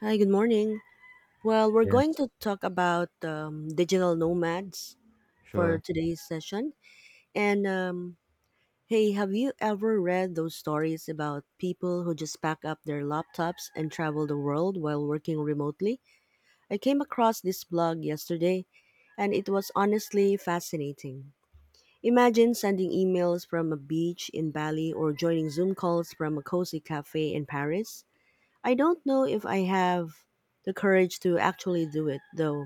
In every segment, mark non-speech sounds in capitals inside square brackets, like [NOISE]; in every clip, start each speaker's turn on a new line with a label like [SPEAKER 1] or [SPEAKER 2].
[SPEAKER 1] Hi, good morning. Well, we're going
[SPEAKER 2] Yes,
[SPEAKER 1] to talk about digital nomads for
[SPEAKER 2] sure.
[SPEAKER 1] today's session. And Hey, have you ever read those stories about people who just pack up their laptops and travel the world while working remotely? I came across this blog yesterday, and it was honestly fascinating. Imagine sending emails from a beach in Bali or joining Zoom calls from a cozy cafe in Paris. I don't know if I have the courage to actually do it, though.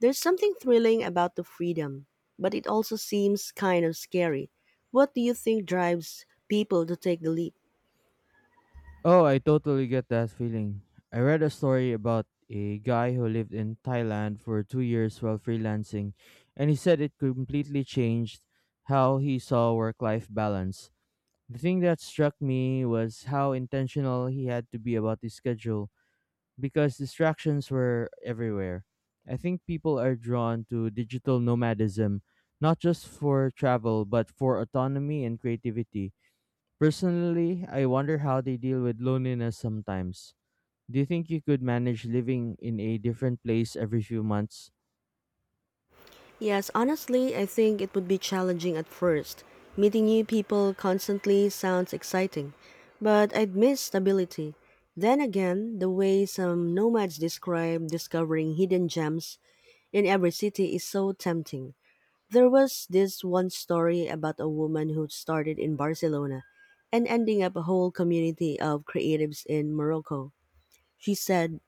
[SPEAKER 1] There's something thrilling about the freedom, but it also seems kind of scary. What do you think drives people to take the leap?
[SPEAKER 2] Oh, I totally get that feeling. I read a story about a guy who lived in Thailand for 2 years while freelancing, and he said it completely changed how he saw work life balance. The thing that struck me was how intentional he had to be about his schedule because distractions were everywhere. I think people are drawn to digital nomadism, not just for travel, but for autonomy and creativity. Personally, I wonder how they deal with loneliness sometimes. Do you think you could manage living in a different place every few months?
[SPEAKER 1] Yes, honestly, I think it would be challenging at first. Meeting new people constantly sounds exciting, but I'd miss stability. Then again, the way some nomads describe discovering hidden gems in every city is so tempting. There was this one story about a woman who started in Barcelona and ending up a whole community of creatives in Morocco. She said,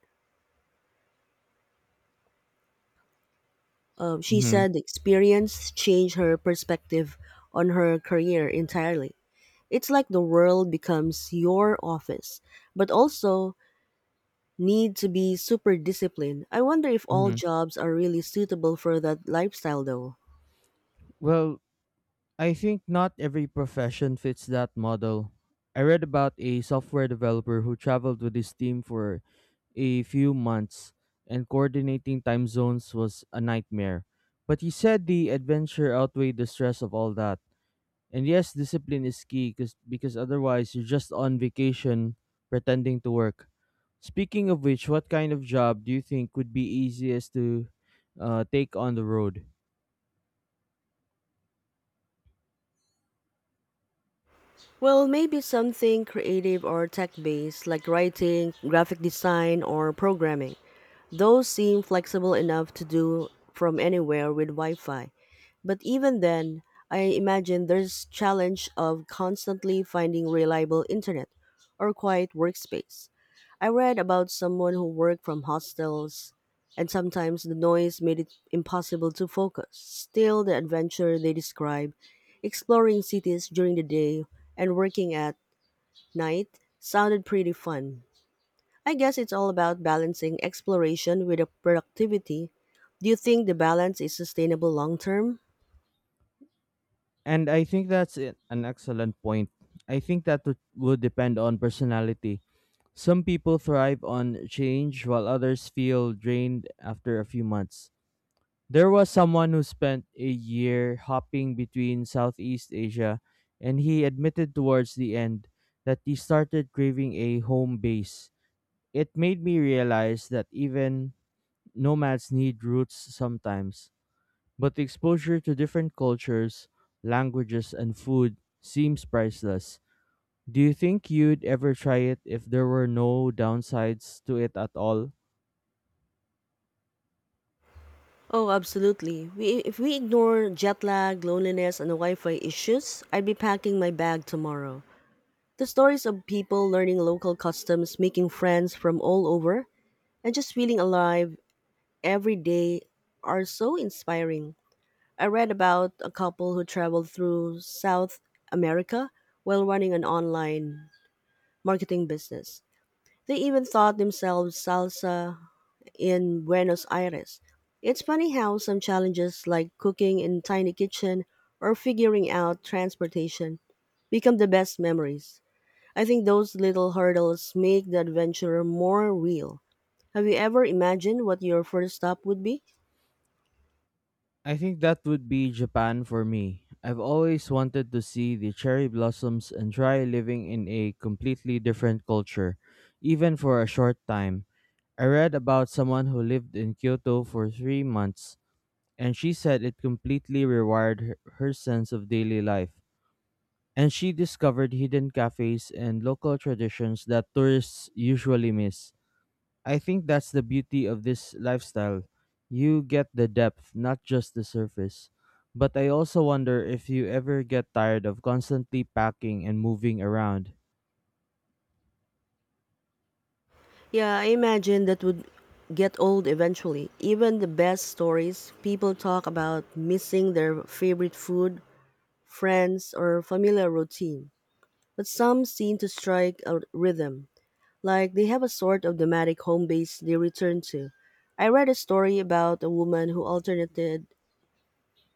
[SPEAKER 1] she
[SPEAKER 2] hmm
[SPEAKER 1] said the experience changed her perspective on her career entirely. It's like the world becomes your office, but also need to be super disciplined. I wonder if all
[SPEAKER 2] hmm
[SPEAKER 1] jobs are really suitable for that lifestyle though.
[SPEAKER 2] Well, I think not every profession fits that model. I read about a software developer who traveled with his team for a few months, and coordinating time zones was a nightmare. But he said the adventure outweighed the stress of all that. And yes, discipline is key because otherwise you're just on vacation pretending to work. Speaking of which, what kind of job do you think would be easiest to take on the road?
[SPEAKER 1] Well, maybe something creative or tech based like writing, graphic design, or programming. Those seem flexible enough to do from anywhere with Wi-Fi. But even then, I imagine there's challenge of constantly finding reliable internet or quiet workspace. I read about someone who worked from hostels and sometimes the noise made it impossible to focus. Still, the adventure they describe, exploring cities during the day and working at night, sounded pretty fun. I guess it's all about balancing exploration with the productivity. Do you think the balance is sustainable long term?
[SPEAKER 2] And I think an excellent point. I think that would depend on personality. Some people thrive on change while others feel drained after a few months. There was someone who spent a year hopping between Southeast Asia, and he admitted towards the end that he started craving a home base. It made me realize that even nomads need roots sometimes, but the exposure to different cultures, languages, and food seems priceless. Do you think you'd ever try it if there were no downsides to it at all?
[SPEAKER 1] Oh, absolutely. We, if we ignore jet lag, loneliness, and Wi Fi issues, I'd be packing my bag tomorrow. The stories of people learning local customs, making friends from all over, and just feeling alive every day are so inspiring. I read about a couple who traveled through South America while running an online marketing business. They even taught themselves salsa in Buenos Aires. It's funny how some challenges like cooking in tiny kitchen or figuring out transportation become the best memories. I think those little hurdles make the adventure more real. Have you ever imagined what your first stop would be?
[SPEAKER 2] I think that would be Japan for me. I've always wanted to see the cherry blossoms and try living in a completely different culture, even for a short time. I read about someone who lived in Kyoto for 3 months, and she said it completely rewired her sense of daily life. And she discovered hidden cafes and local traditions that tourists usually miss. I think that's the beauty of this lifestyle. You get the depth, not just the surface. But I also wonder if you ever get tired of constantly packing and moving around.
[SPEAKER 1] Yeah, I imagine that would get old eventually. Even the best stories, people talk about missing their favorite food, friends, or familiar routine, but some seem to strike a rhythm, like they have a sort of nomadic home base they return to. I read a story about a woman who alternated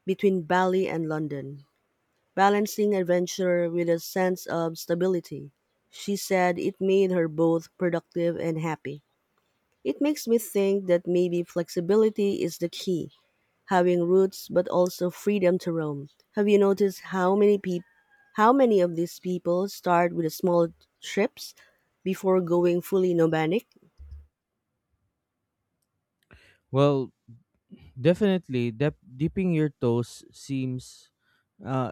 [SPEAKER 1] between Bali and London, balancing adventure with a sense of stability. She said it made her both productive and happy. It makes me think that maybe flexibility is the key, having roots but also freedom to roam. Have you noticed how many how many of these people start with small trips before going fully nomadic?
[SPEAKER 2] Well, definitely, dep dipping your toes seems, uh,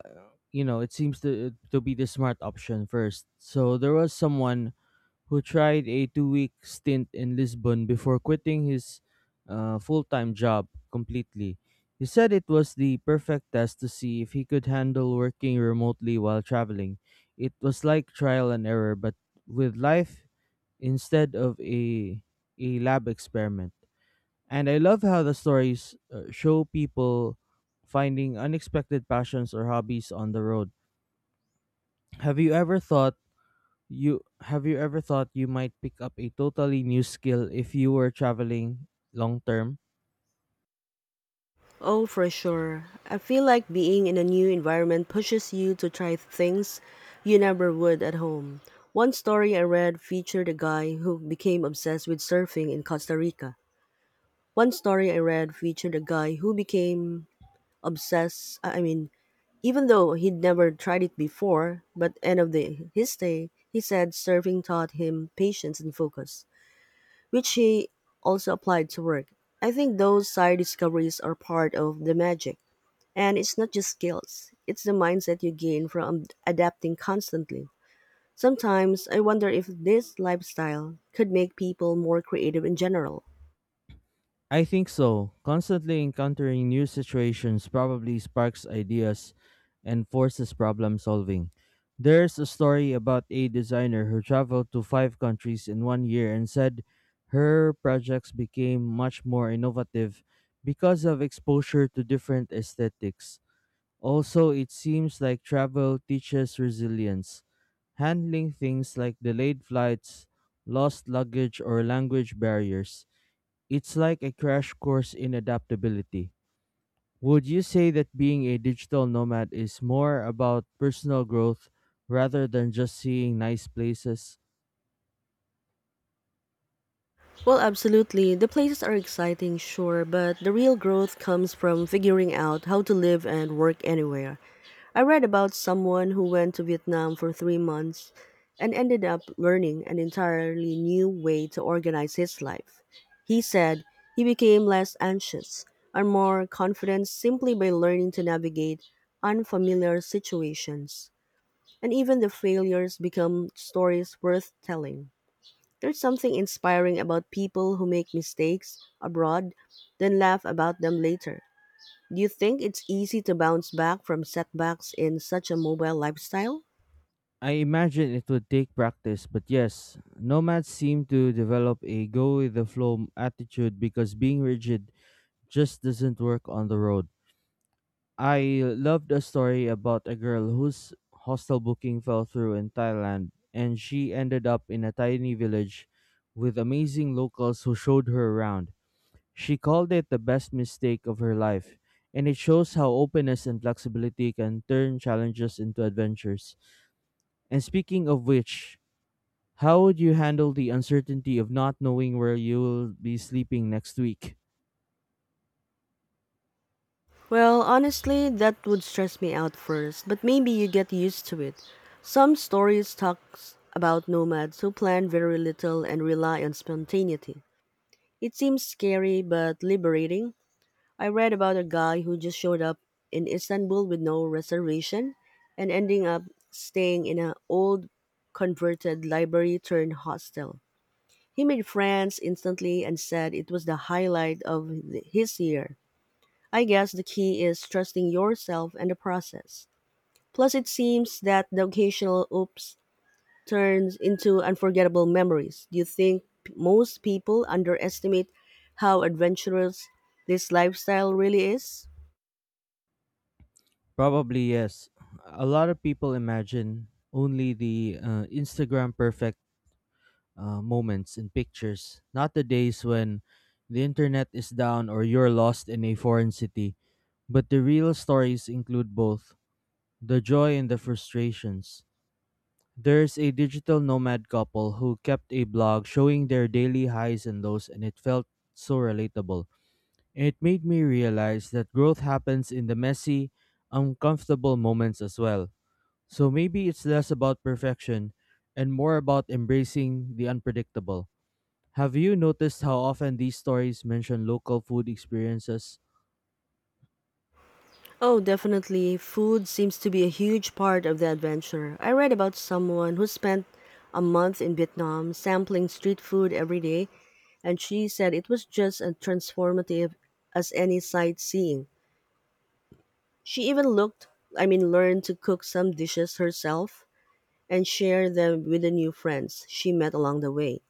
[SPEAKER 2] it seems to be the smart option first. So there was someone who tried a 2-week stint in Lisbon before quitting his full time job completely. He said it was the perfect test to see if he could handle working remotely while traveling. It was like trial and error, but with life instead of a lab experiment. And I love how the stories show people finding unexpected passions or hobbies on the road. Have you ever thought? Have you ever thought you might pick up a totally new skill if you were traveling long term?
[SPEAKER 1] Oh, for sure. I feel like being in a new environment pushes you to try things you never would at home. One story I read featured a guy who became obsessed with surfing in Costa Rica. One story I read featured a guy who became obsessed, I mean, even though he'd never tried it before, but his day, he said surfing taught him patience and focus, which he also applied to work. I think those side discoveries are part of the magic. And it's not just skills, it's the mindset you gain from adapting constantly. Sometimes I wonder if this lifestyle could make people more creative in general.
[SPEAKER 2] I think so. Constantly encountering new situations probably sparks ideas and forces problem solving. There's a story about a designer who traveled to five countries in one year and said her projects became much more innovative because of exposure to different aesthetics. Also, it seems like travel teaches resilience. Handling things like delayed flights, lost luggage, or language barriers. It's like a crash course in adaptability. Would you say that being a digital nomad is more about personal growth rather than just seeing nice places?
[SPEAKER 1] Well, absolutely. The places are exciting, sure, but the real growth comes from figuring out how to live and work anywhere. I read about someone who went to Vietnam for 3 months and ended up learning an entirely new way to organize his life. He said he became less anxious and more confident simply by learning to navigate unfamiliar situations. And even the failures become stories worth telling. There's something inspiring about people who make mistakes abroad, then laugh about them later. Do you think it's easy to bounce back from setbacks in such a mobile lifestyle?
[SPEAKER 2] I imagine it would take practice, but yes, nomads seem to develop a go with the flow attitude because being rigid just doesn't work on the road. I love the story about a girl whose hostel booking fell through in Thailand, and she ended up in a tiny village with amazing locals who showed her around. She called it the best mistake of her life, and it shows how openness and flexibility can turn challenges into adventures. And speaking of which, how would you handle the uncertainty of not knowing where you will be sleeping next week?
[SPEAKER 1] Well, honestly, that would stress me out first, but maybe you get used to it. Some stories talk about nomads who plan very little and rely on spontaneity. It seems scary but liberating. I read about a guy who just showed up in Istanbul with no reservation and ending up staying in an old converted library turned hostel. He made friends instantly and said it was the highlight of his year. I guess the key is trusting yourself and the process. Plus, it seems that the occasional oops turns into unforgettable memories. Do you think most people underestimate how adventurous this lifestyle really is?
[SPEAKER 2] Probably yes. A lot of people imagine only the Instagram perfect moments and pictures, not the days when the internet is down or you're lost in a foreign city. But the real stories include both the joy and the frustrations. There's a digital nomad couple who kept a blog showing their daily highs and lows, and it felt so relatable. It made me realize that growth happens in the messy, uncomfortable moments as well. So maybe it's less about perfection and more about embracing the unpredictable. Have you noticed how often these stories mention local food experiences?
[SPEAKER 1] Oh, definitely. Food seems to be a huge part of the adventure. I read about someone who spent a month in Vietnam sampling street food every day and she said it was just as transformative as any sightseeing. She even I mean, learned to cook some dishes herself and share them with the new friends she met along the way.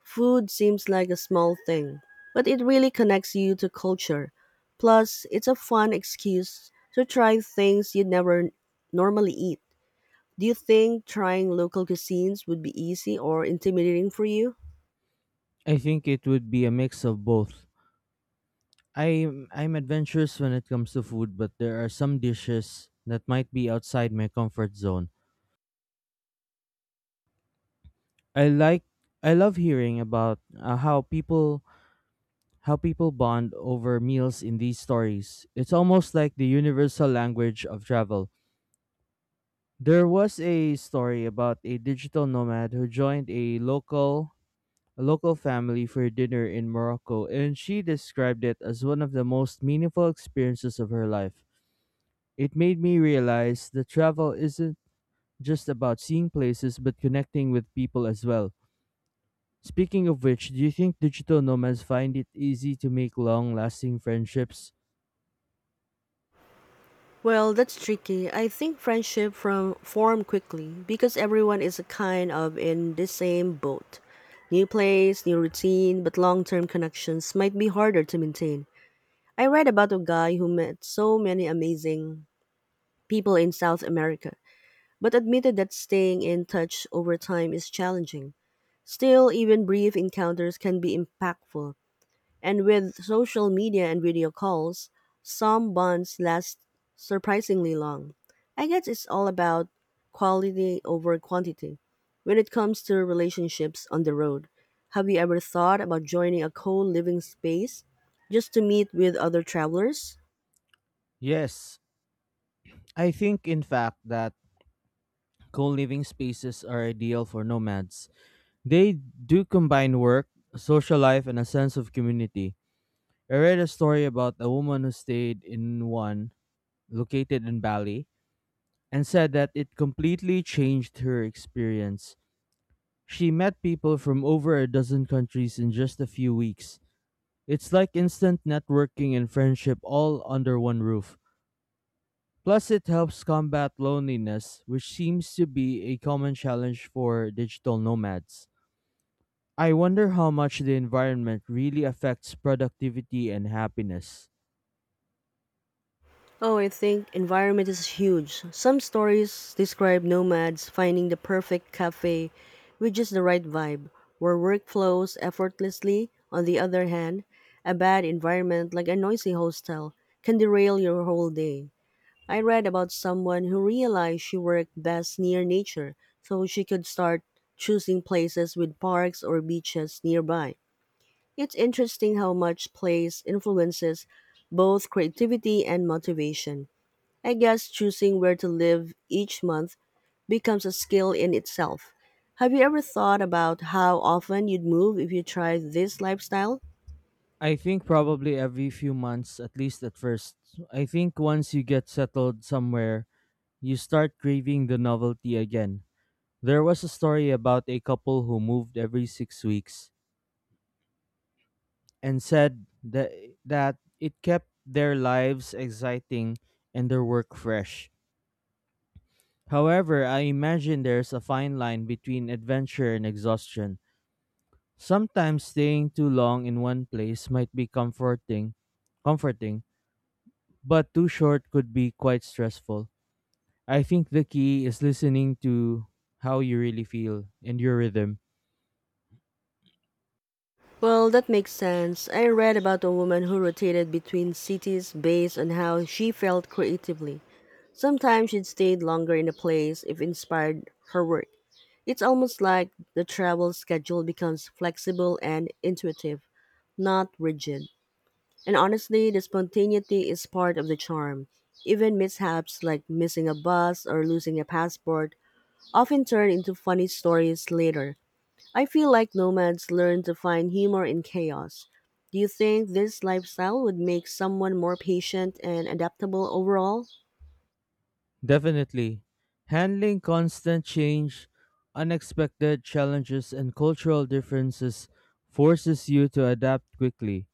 [SPEAKER 1] Food seems like a small thing, but it really connects you to culture. Plus, it's a fun excuse to try things you'd never normally eat. Do you think trying local cuisines would be easy or intimidating for you?
[SPEAKER 2] I think it would be a mix of both. I'm adventurous when it comes to food, but there are some dishes that might be outside my comfort zone. I like I love hearing about how people bond over meals in these stories. It's almost like the universal language of travel. There was a story about a digital nomad who joined a local family for dinner in Morocco, and she described it as one of the most meaningful experiences of her life. It made me realize that travel isn't just about seeing places but connecting with people as well. Speaking of which, do you think digital nomads find it easy to make long-lasting friendships?
[SPEAKER 1] Well, that's tricky. I think friendship from form quickly because everyone is a kind of in the same boat. New place, new routine, but long-term connections might be harder to maintain. I read about a guy who met so many amazing people in South America, but admitted that staying in touch over time is challenging. Still, even brief encounters can be impactful. And with social media and video calls, some bonds last surprisingly long. I guess it's all about quality over quantity. When it comes to relationships on the road, have you ever thought about joining a co living space just to meet with other travelers?
[SPEAKER 2] Yes, I think in fact that co-living spaces are ideal for nomads. They do combine work, social life, and a sense of community. I read a story about a woman who stayed in one located in Bali and said that it completely changed her experience. She met people from over a dozen countries in just a few weeks. It's like instant networking and friendship all under one roof. Plus, it helps combat loneliness, which seems to be a common challenge for digital nomads. I wonder how much the environment really affects productivity and happiness.
[SPEAKER 1] Oh, I think environment is huge. Some stories describe nomads finding the perfect cafe with just the right vibe, where work flows effortlessly. On the other hand, a bad environment like a noisy hostel can derail your whole day. I read about someone who realized she worked best near nature, so she could start choosing places with parks or beaches nearby. It's interesting how much place influences both creativity and motivation. I guess choosing where to live each month becomes a skill in itself. Have you ever thought about how often you'd move if you tried this lifestyle?
[SPEAKER 2] I think probably every few months, at least at first. I think once you get settled somewhere, you start craving the novelty again. There was a story about a couple who moved every 6 weeks and said that it kept their lives exciting and their work fresh. However, I imagine there's a fine line between adventure and exhaustion. Sometimes staying too long in one place might be comforting, but too short could be quite stressful. I think the key is listening to how you really feel and your rhythm.
[SPEAKER 1] Well, that makes sense. I read about a woman who rotated between cities based on how she felt creatively. Sometimes she'd stayed longer in a place if inspired her work. It's almost like the travel schedule becomes flexible and intuitive, not rigid. And honestly, the spontaneity is part of the charm. Even mishaps like missing a bus or losing a passport often turn into funny stories later. I feel like nomads learn to find humor in chaos. Do you think this lifestyle would make someone more patient and adaptable overall?
[SPEAKER 2] Definitely. Handling constant change, unexpected challenges, and cultural differences forces you to adapt quickly.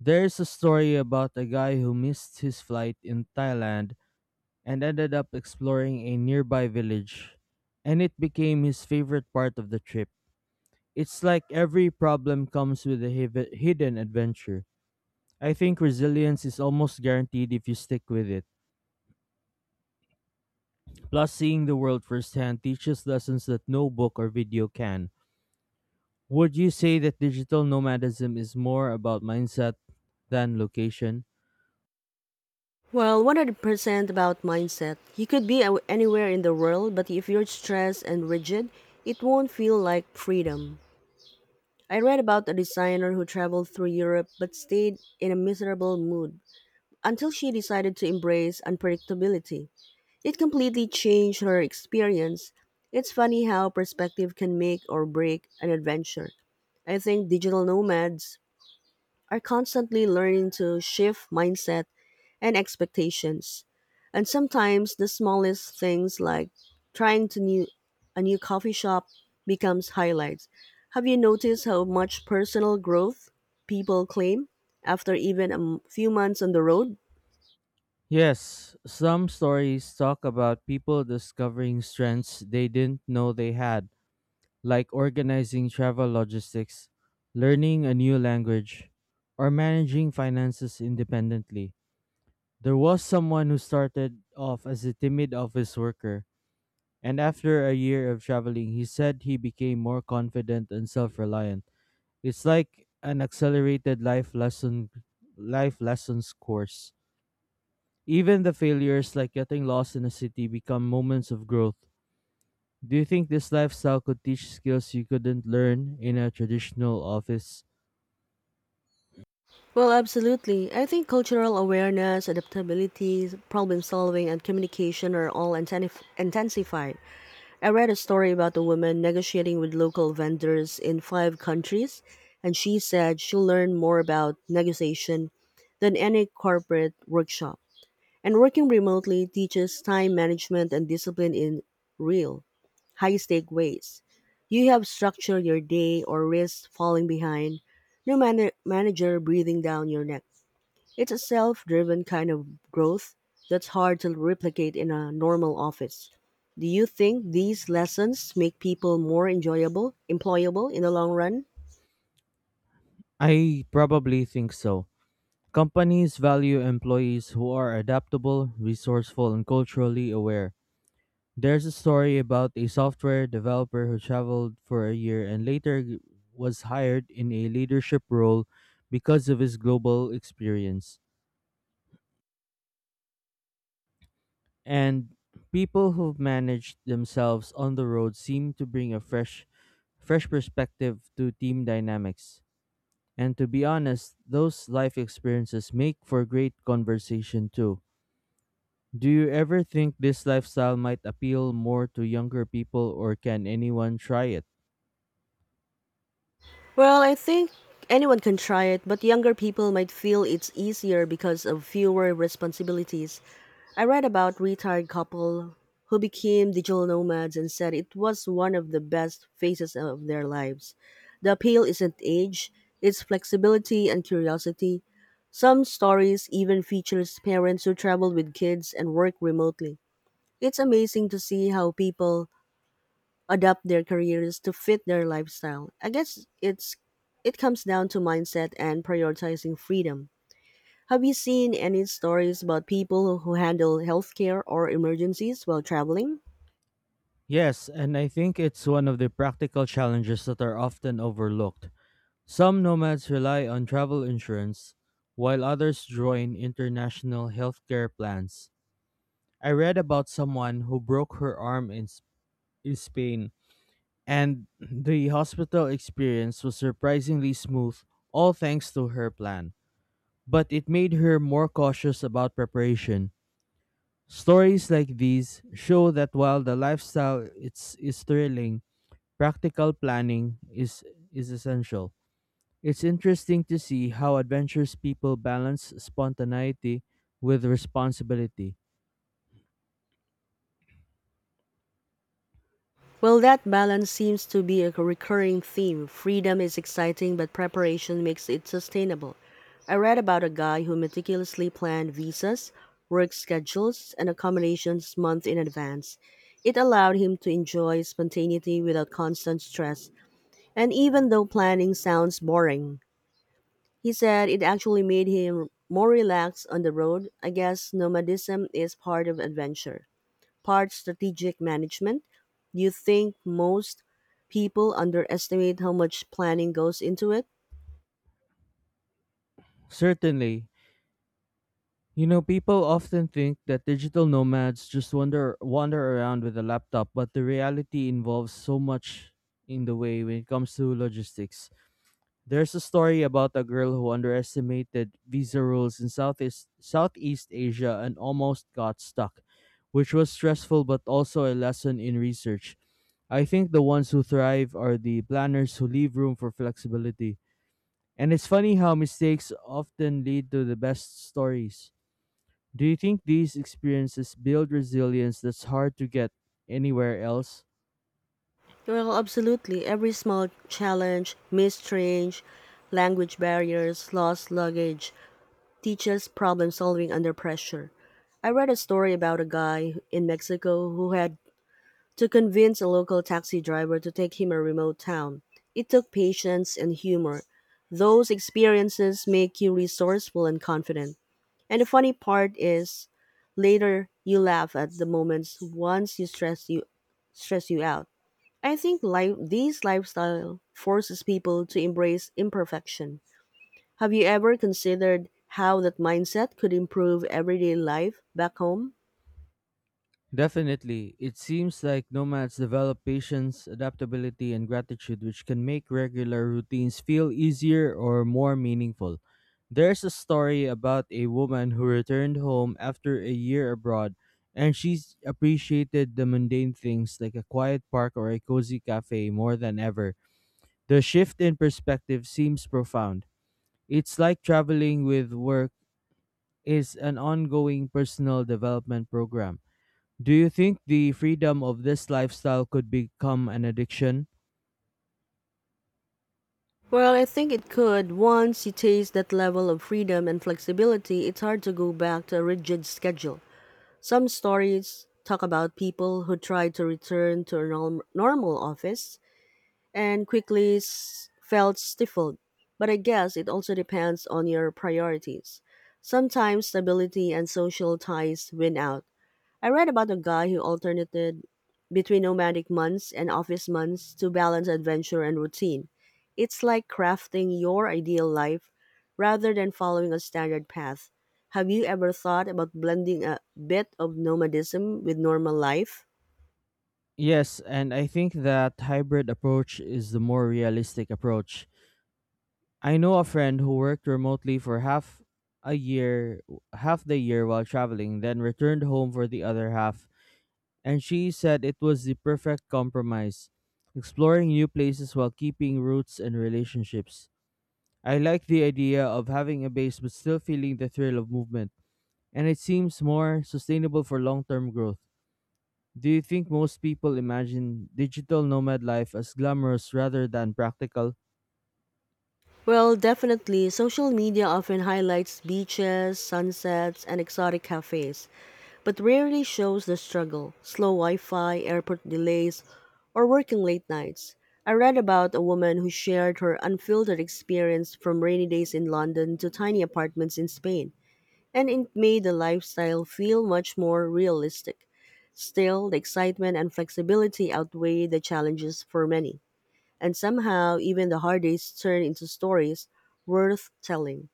[SPEAKER 2] There is a story about a guy who missed his flight in Thailand and ended up exploring a nearby village, and it became his favorite part of the trip. It's like every problem comes with a hidden adventure. I think resilience is almost guaranteed if you stick with it. Plus, seeing the world firsthand teaches lessons that no book or video can. Would you say that digital nomadism is more about mindset than location?
[SPEAKER 1] Well, 100% about mindset. You could be anywhere in the world, but if you're stressed and rigid, it won't feel like freedom. I read about a designer who traveled through Europe but stayed in a miserable mood until she decided to embrace unpredictability. It completely changed her experience. It's funny how perspective can make or break an adventure. I think digital nomads are constantly learning to shift mindset and expectations. And sometimes the smallest things like trying to new a new coffee shop becomes highlights. Have you noticed how much personal growth people claim after even a few months on the road?
[SPEAKER 2] Yes, some stories talk about people discovering strengths they didn't know they had, like organizing travel logistics, learning a new language, or managing finances independently. There was someone who started off as a timid office worker, and after a year of traveling, he said he became more confident and self-reliant. It's like an accelerated life lessons course. Even the failures like getting lost in a city become moments of growth. Do you think this lifestyle could teach skills you couldn't learn in a traditional office?
[SPEAKER 1] Well, absolutely. I think cultural awareness, adaptability, problem solving, and communication are all intensified. I read a story about a woman negotiating with local vendors in 5 countries, and she said she learned more about negotiation than any corporate workshop. And working remotely teaches time management and discipline in real, high stake ways. You have structure your day or risk falling behind, no manager breathing down your neck. It's a self driven kind of growth that's hard to replicate in a normal office. Do you think these lessons make people more enjoyable, employable in the long run?
[SPEAKER 2] I probably think so. Companies value employees who are adaptable, resourceful, and culturally aware. There's a story about a software developer who traveled for a year and later was hired in a leadership role because of his global experience. And people who've managed themselves on the road seem to bring a fresh perspective to team dynamics. And to be honest, those life experiences make for great conversation too. Do you ever think this lifestyle might appeal more to younger people, or can anyone try it?
[SPEAKER 1] Well, I think anyone can try it, but younger people might feel it's easier because of fewer responsibilities. I read about retired couple who became digital nomads and said it was one of the best phases of their lives. The appeal isn't age, it's flexibility and curiosity. Some stories even features parents who travel with kids and work remotely. It's amazing to see how people adapt their careers to fit their lifestyle. I guess it comes down to mindset and prioritizing freedom. Have you seen any stories about people who handle healthcare or emergencies while traveling?
[SPEAKER 2] Yes, and I think it's one of the practical challenges that are often overlooked. Some nomads rely on travel insurance, while others join international healthcare plans. I read about someone who broke her arm in Spain, and the hospital experience was surprisingly smooth, all thanks to her plan. But it made her more cautious about preparation. Stories like these show that while the lifestyle is thrilling, practical planning is essential. It's interesting to see how adventurous people balance spontaneity with responsibility.
[SPEAKER 1] Well, that balance seems to be a recurring theme. Freedom is exciting, but preparation makes it sustainable. I read about a guy who meticulously planned visas, work schedules, and accommodations months in advance. It allowed him to enjoy spontaneity without constant stress. And even though planning sounds boring, he said it actually made him more relaxed on the road. I guess nomadism is part of adventure part strategic management. You think most people underestimate how much planning goes into it?
[SPEAKER 2] Certainly. You know, people often think that digital nomads just wander around with a laptop, but the reality involves so much in the way when it comes to logistics. There's a story about a girl who underestimated visa rules in Southeast Asia and almost got stuck, which was stressful but also a lesson in research. I think the ones who thrive are the planners who leave room for flexibility. And it's funny how mistakes often lead to the best stories. Do you think these experiences build resilience that's hard to get anywhere else?
[SPEAKER 1] Well, absolutely. Every small challenge, missed train, language barriers, lost luggage teaches problem solving under pressure. I read a story about a guy in Mexico who had to convince a local taxi driver to take him a remote town. It took patience and humor. Those experiences make you resourceful and confident. And the funny part is later you laugh at the moments once you stress you out. I think life these lifestyle forces people to embrace imperfection. Have you ever considered how that mindset could improve everyday life back home?
[SPEAKER 2] Definitely. It seems like nomads develop patience, adaptability, and gratitude, which can make regular routines feel easier or more meaningful. There's a story about a woman who returned home after a year abroad, and she appreciated the mundane things like a quiet park or a cozy cafe more than ever. The shift in perspective seems profound. It's like traveling with work is an ongoing personal development program. Do you think the freedom of this lifestyle could become an addiction?
[SPEAKER 1] Well, I think it could. Once you taste that level of freedom and flexibility, it's hard to go back to a rigid schedule. Some stories talk about people who try to return to a normal office and felt stifled. But I guess it also depends on your priorities. Sometimes stability and social ties win out. I read about a guy who alternated between nomadic months and office months to balance adventure and routine. It's like crafting your ideal life rather than following a standard path. Have you ever thought about blending a bit of nomadism with normal life?
[SPEAKER 2] Yes, and I think that hybrid approach is the more realistic approach. I know a friend who worked remotely for half a year, half the year while traveling, then returned home for the other half, and she said it was the perfect compromise, exploring new places while keeping roots and relationships. I like the idea of having a base but still feeling the thrill of movement, and it seems more sustainable for long term growth. Do you think most people imagine digital nomad life as glamorous rather than practical?
[SPEAKER 1] Well, definitely, social media often highlights beaches, sunsets, and exotic cafes, but rarely shows the struggle slow Wi Fi, airport delays, or working late nights. I read about a woman who shared her unfiltered experience from rainy days in London to tiny apartments in Spain, and it made the lifestyle feel much more realistic. Still, the excitement and flexibility outweigh the challenges for many. And somehow, even the hard days turn into stories worth telling.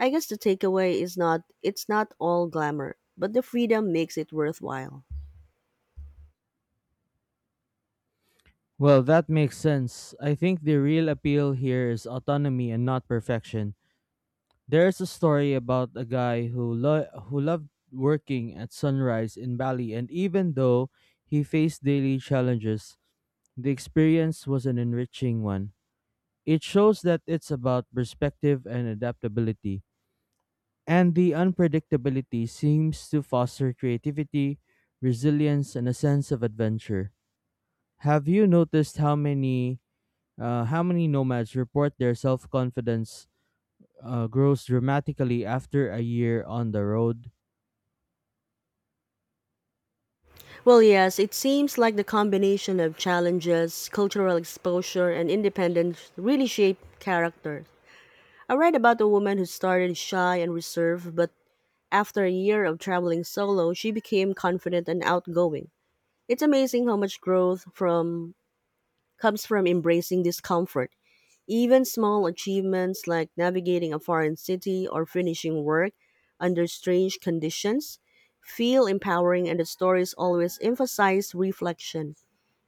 [SPEAKER 1] I guess the takeaway is not it's not all glamour, but the freedom makes it worthwhile.
[SPEAKER 2] Well, that makes sense. I think the real appeal here is autonomy and not perfection. There's a story about a guy who loved working at sunrise in Bali, and even though he faced daily challenges, the experience was an enriching one. It shows that it's about perspective and adaptability, and the unpredictability seems to foster creativity, resilience, and a sense of adventure. Have you noticed how many nomads report their self confidence grows dramatically after a year on the road?
[SPEAKER 1] Well, yes, it seems like the combination of challenges, cultural exposure, and independence really shape character. I read about a woman who started shy and reserved, but after a year of traveling solo, she became confident and outgoing. It's amazing how much growth from comes from embracing discomfort. Even small achievements like navigating a foreign city or finishing work under strange conditions feel empowering, and the stories always emphasize reflection.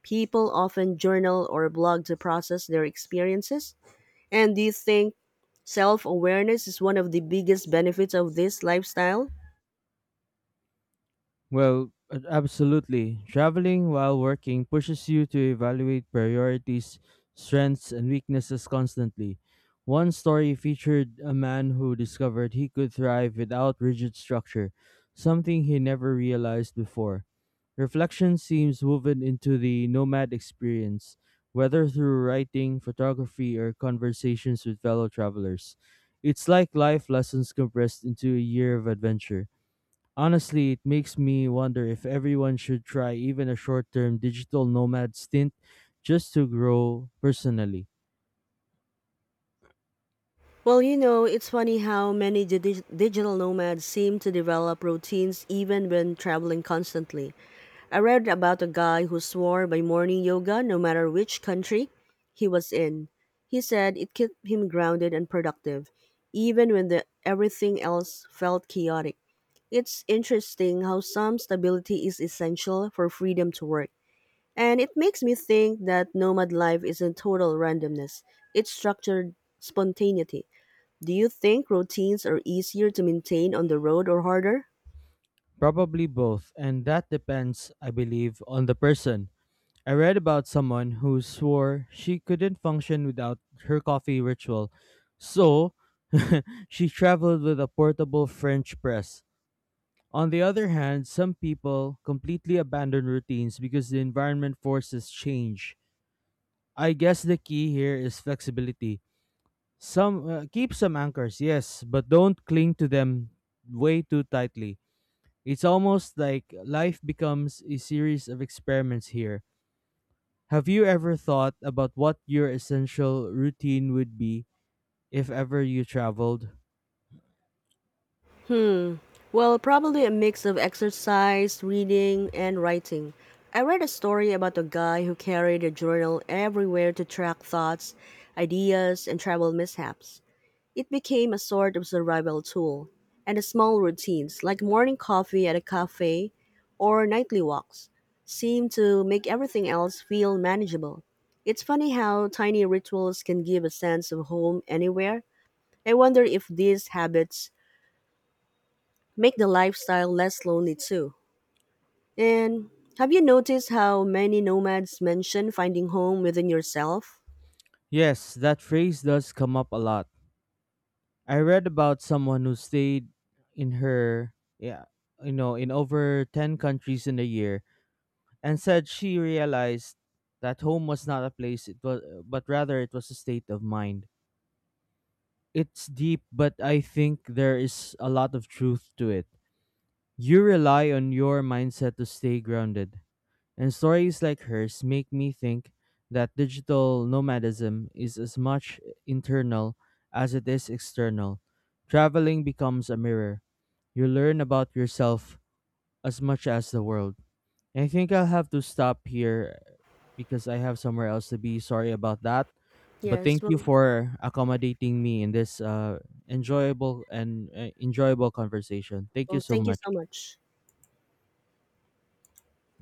[SPEAKER 1] People often journal or blog to process their experiences. And do you think self awareness is one of the biggest benefits of this lifestyle?
[SPEAKER 2] Well, absolutely. Traveling while working pushes you to evaluate priorities, strengths, and weaknesses constantly. One story featured a man who discovered he could thrive without rigid structure, something he never realized before. Reflection seems woven into the nomad experience, whether through writing, photography, or conversations with fellow travelers. It's like life lessons compressed into a year of adventure. Honestly, it makes me wonder if everyone should try even a short term digital nomad stint just to grow personally.
[SPEAKER 1] Well, you know, it's funny how many digital nomads seem to develop routines even when traveling constantly. I read about a guy who swore by morning yoga no matter which country he was in. He said it kept him grounded and productive, even when everything else felt chaotic. It's interesting how some stability is essential for freedom to work. And it makes me think that nomad life isn't total randomness, it's structured spontaneity. Do you think routines are easier to maintain on the road or harder?
[SPEAKER 2] Probably both, and that depends, I believe, on the person. I read about someone who swore she couldn't function without her coffee ritual, so [LAUGHS] she traveled with a portable French press. On the other hand, some people completely abandon routines because the environment forces change. I guess the key here is flexibility. Some keep some anchors, yes, but don't cling to them way too tightly. It's almost like life becomes a series of experiments here. Have you ever thought about what your essential routine would be if ever you traveled?
[SPEAKER 1] Hmm. Well, probably a mix of exercise, reading, and writing. I read a story about a guy who carried a journal everywhere to track thoughts, ideas, and travel mishaps. It became a sort of survival tool, and the small routines, like morning coffee at a cafe or nightly walks, seem to make everything else feel manageable. It's funny how tiny rituals can give a sense of home anywhere. I wonder if these habits make the lifestyle less lonely too. And have you noticed how many nomads mention finding home within yourself?
[SPEAKER 2] Yes, that phrase does come up a lot. I read about someone who stayed in her yeah, you know, in over 10 countries in a year, and said she realized that home was not a place, it was, but rather it was a state of mind. It's deep, but I think there is a lot of truth to it. You rely on your mindset to stay grounded, and stories like hers make me think that digital nomadism is as much internal as it is external. Traveling becomes a mirror. You learn about yourself as much as the world. I think I'll have to stop here because I have somewhere else to be. Sorry about that. But thank
[SPEAKER 1] Yes, well,
[SPEAKER 2] you for accommodating me in this enjoyable conversation. Thank
[SPEAKER 1] well
[SPEAKER 2] you so
[SPEAKER 1] thank you so
[SPEAKER 2] much.
[SPEAKER 1] much.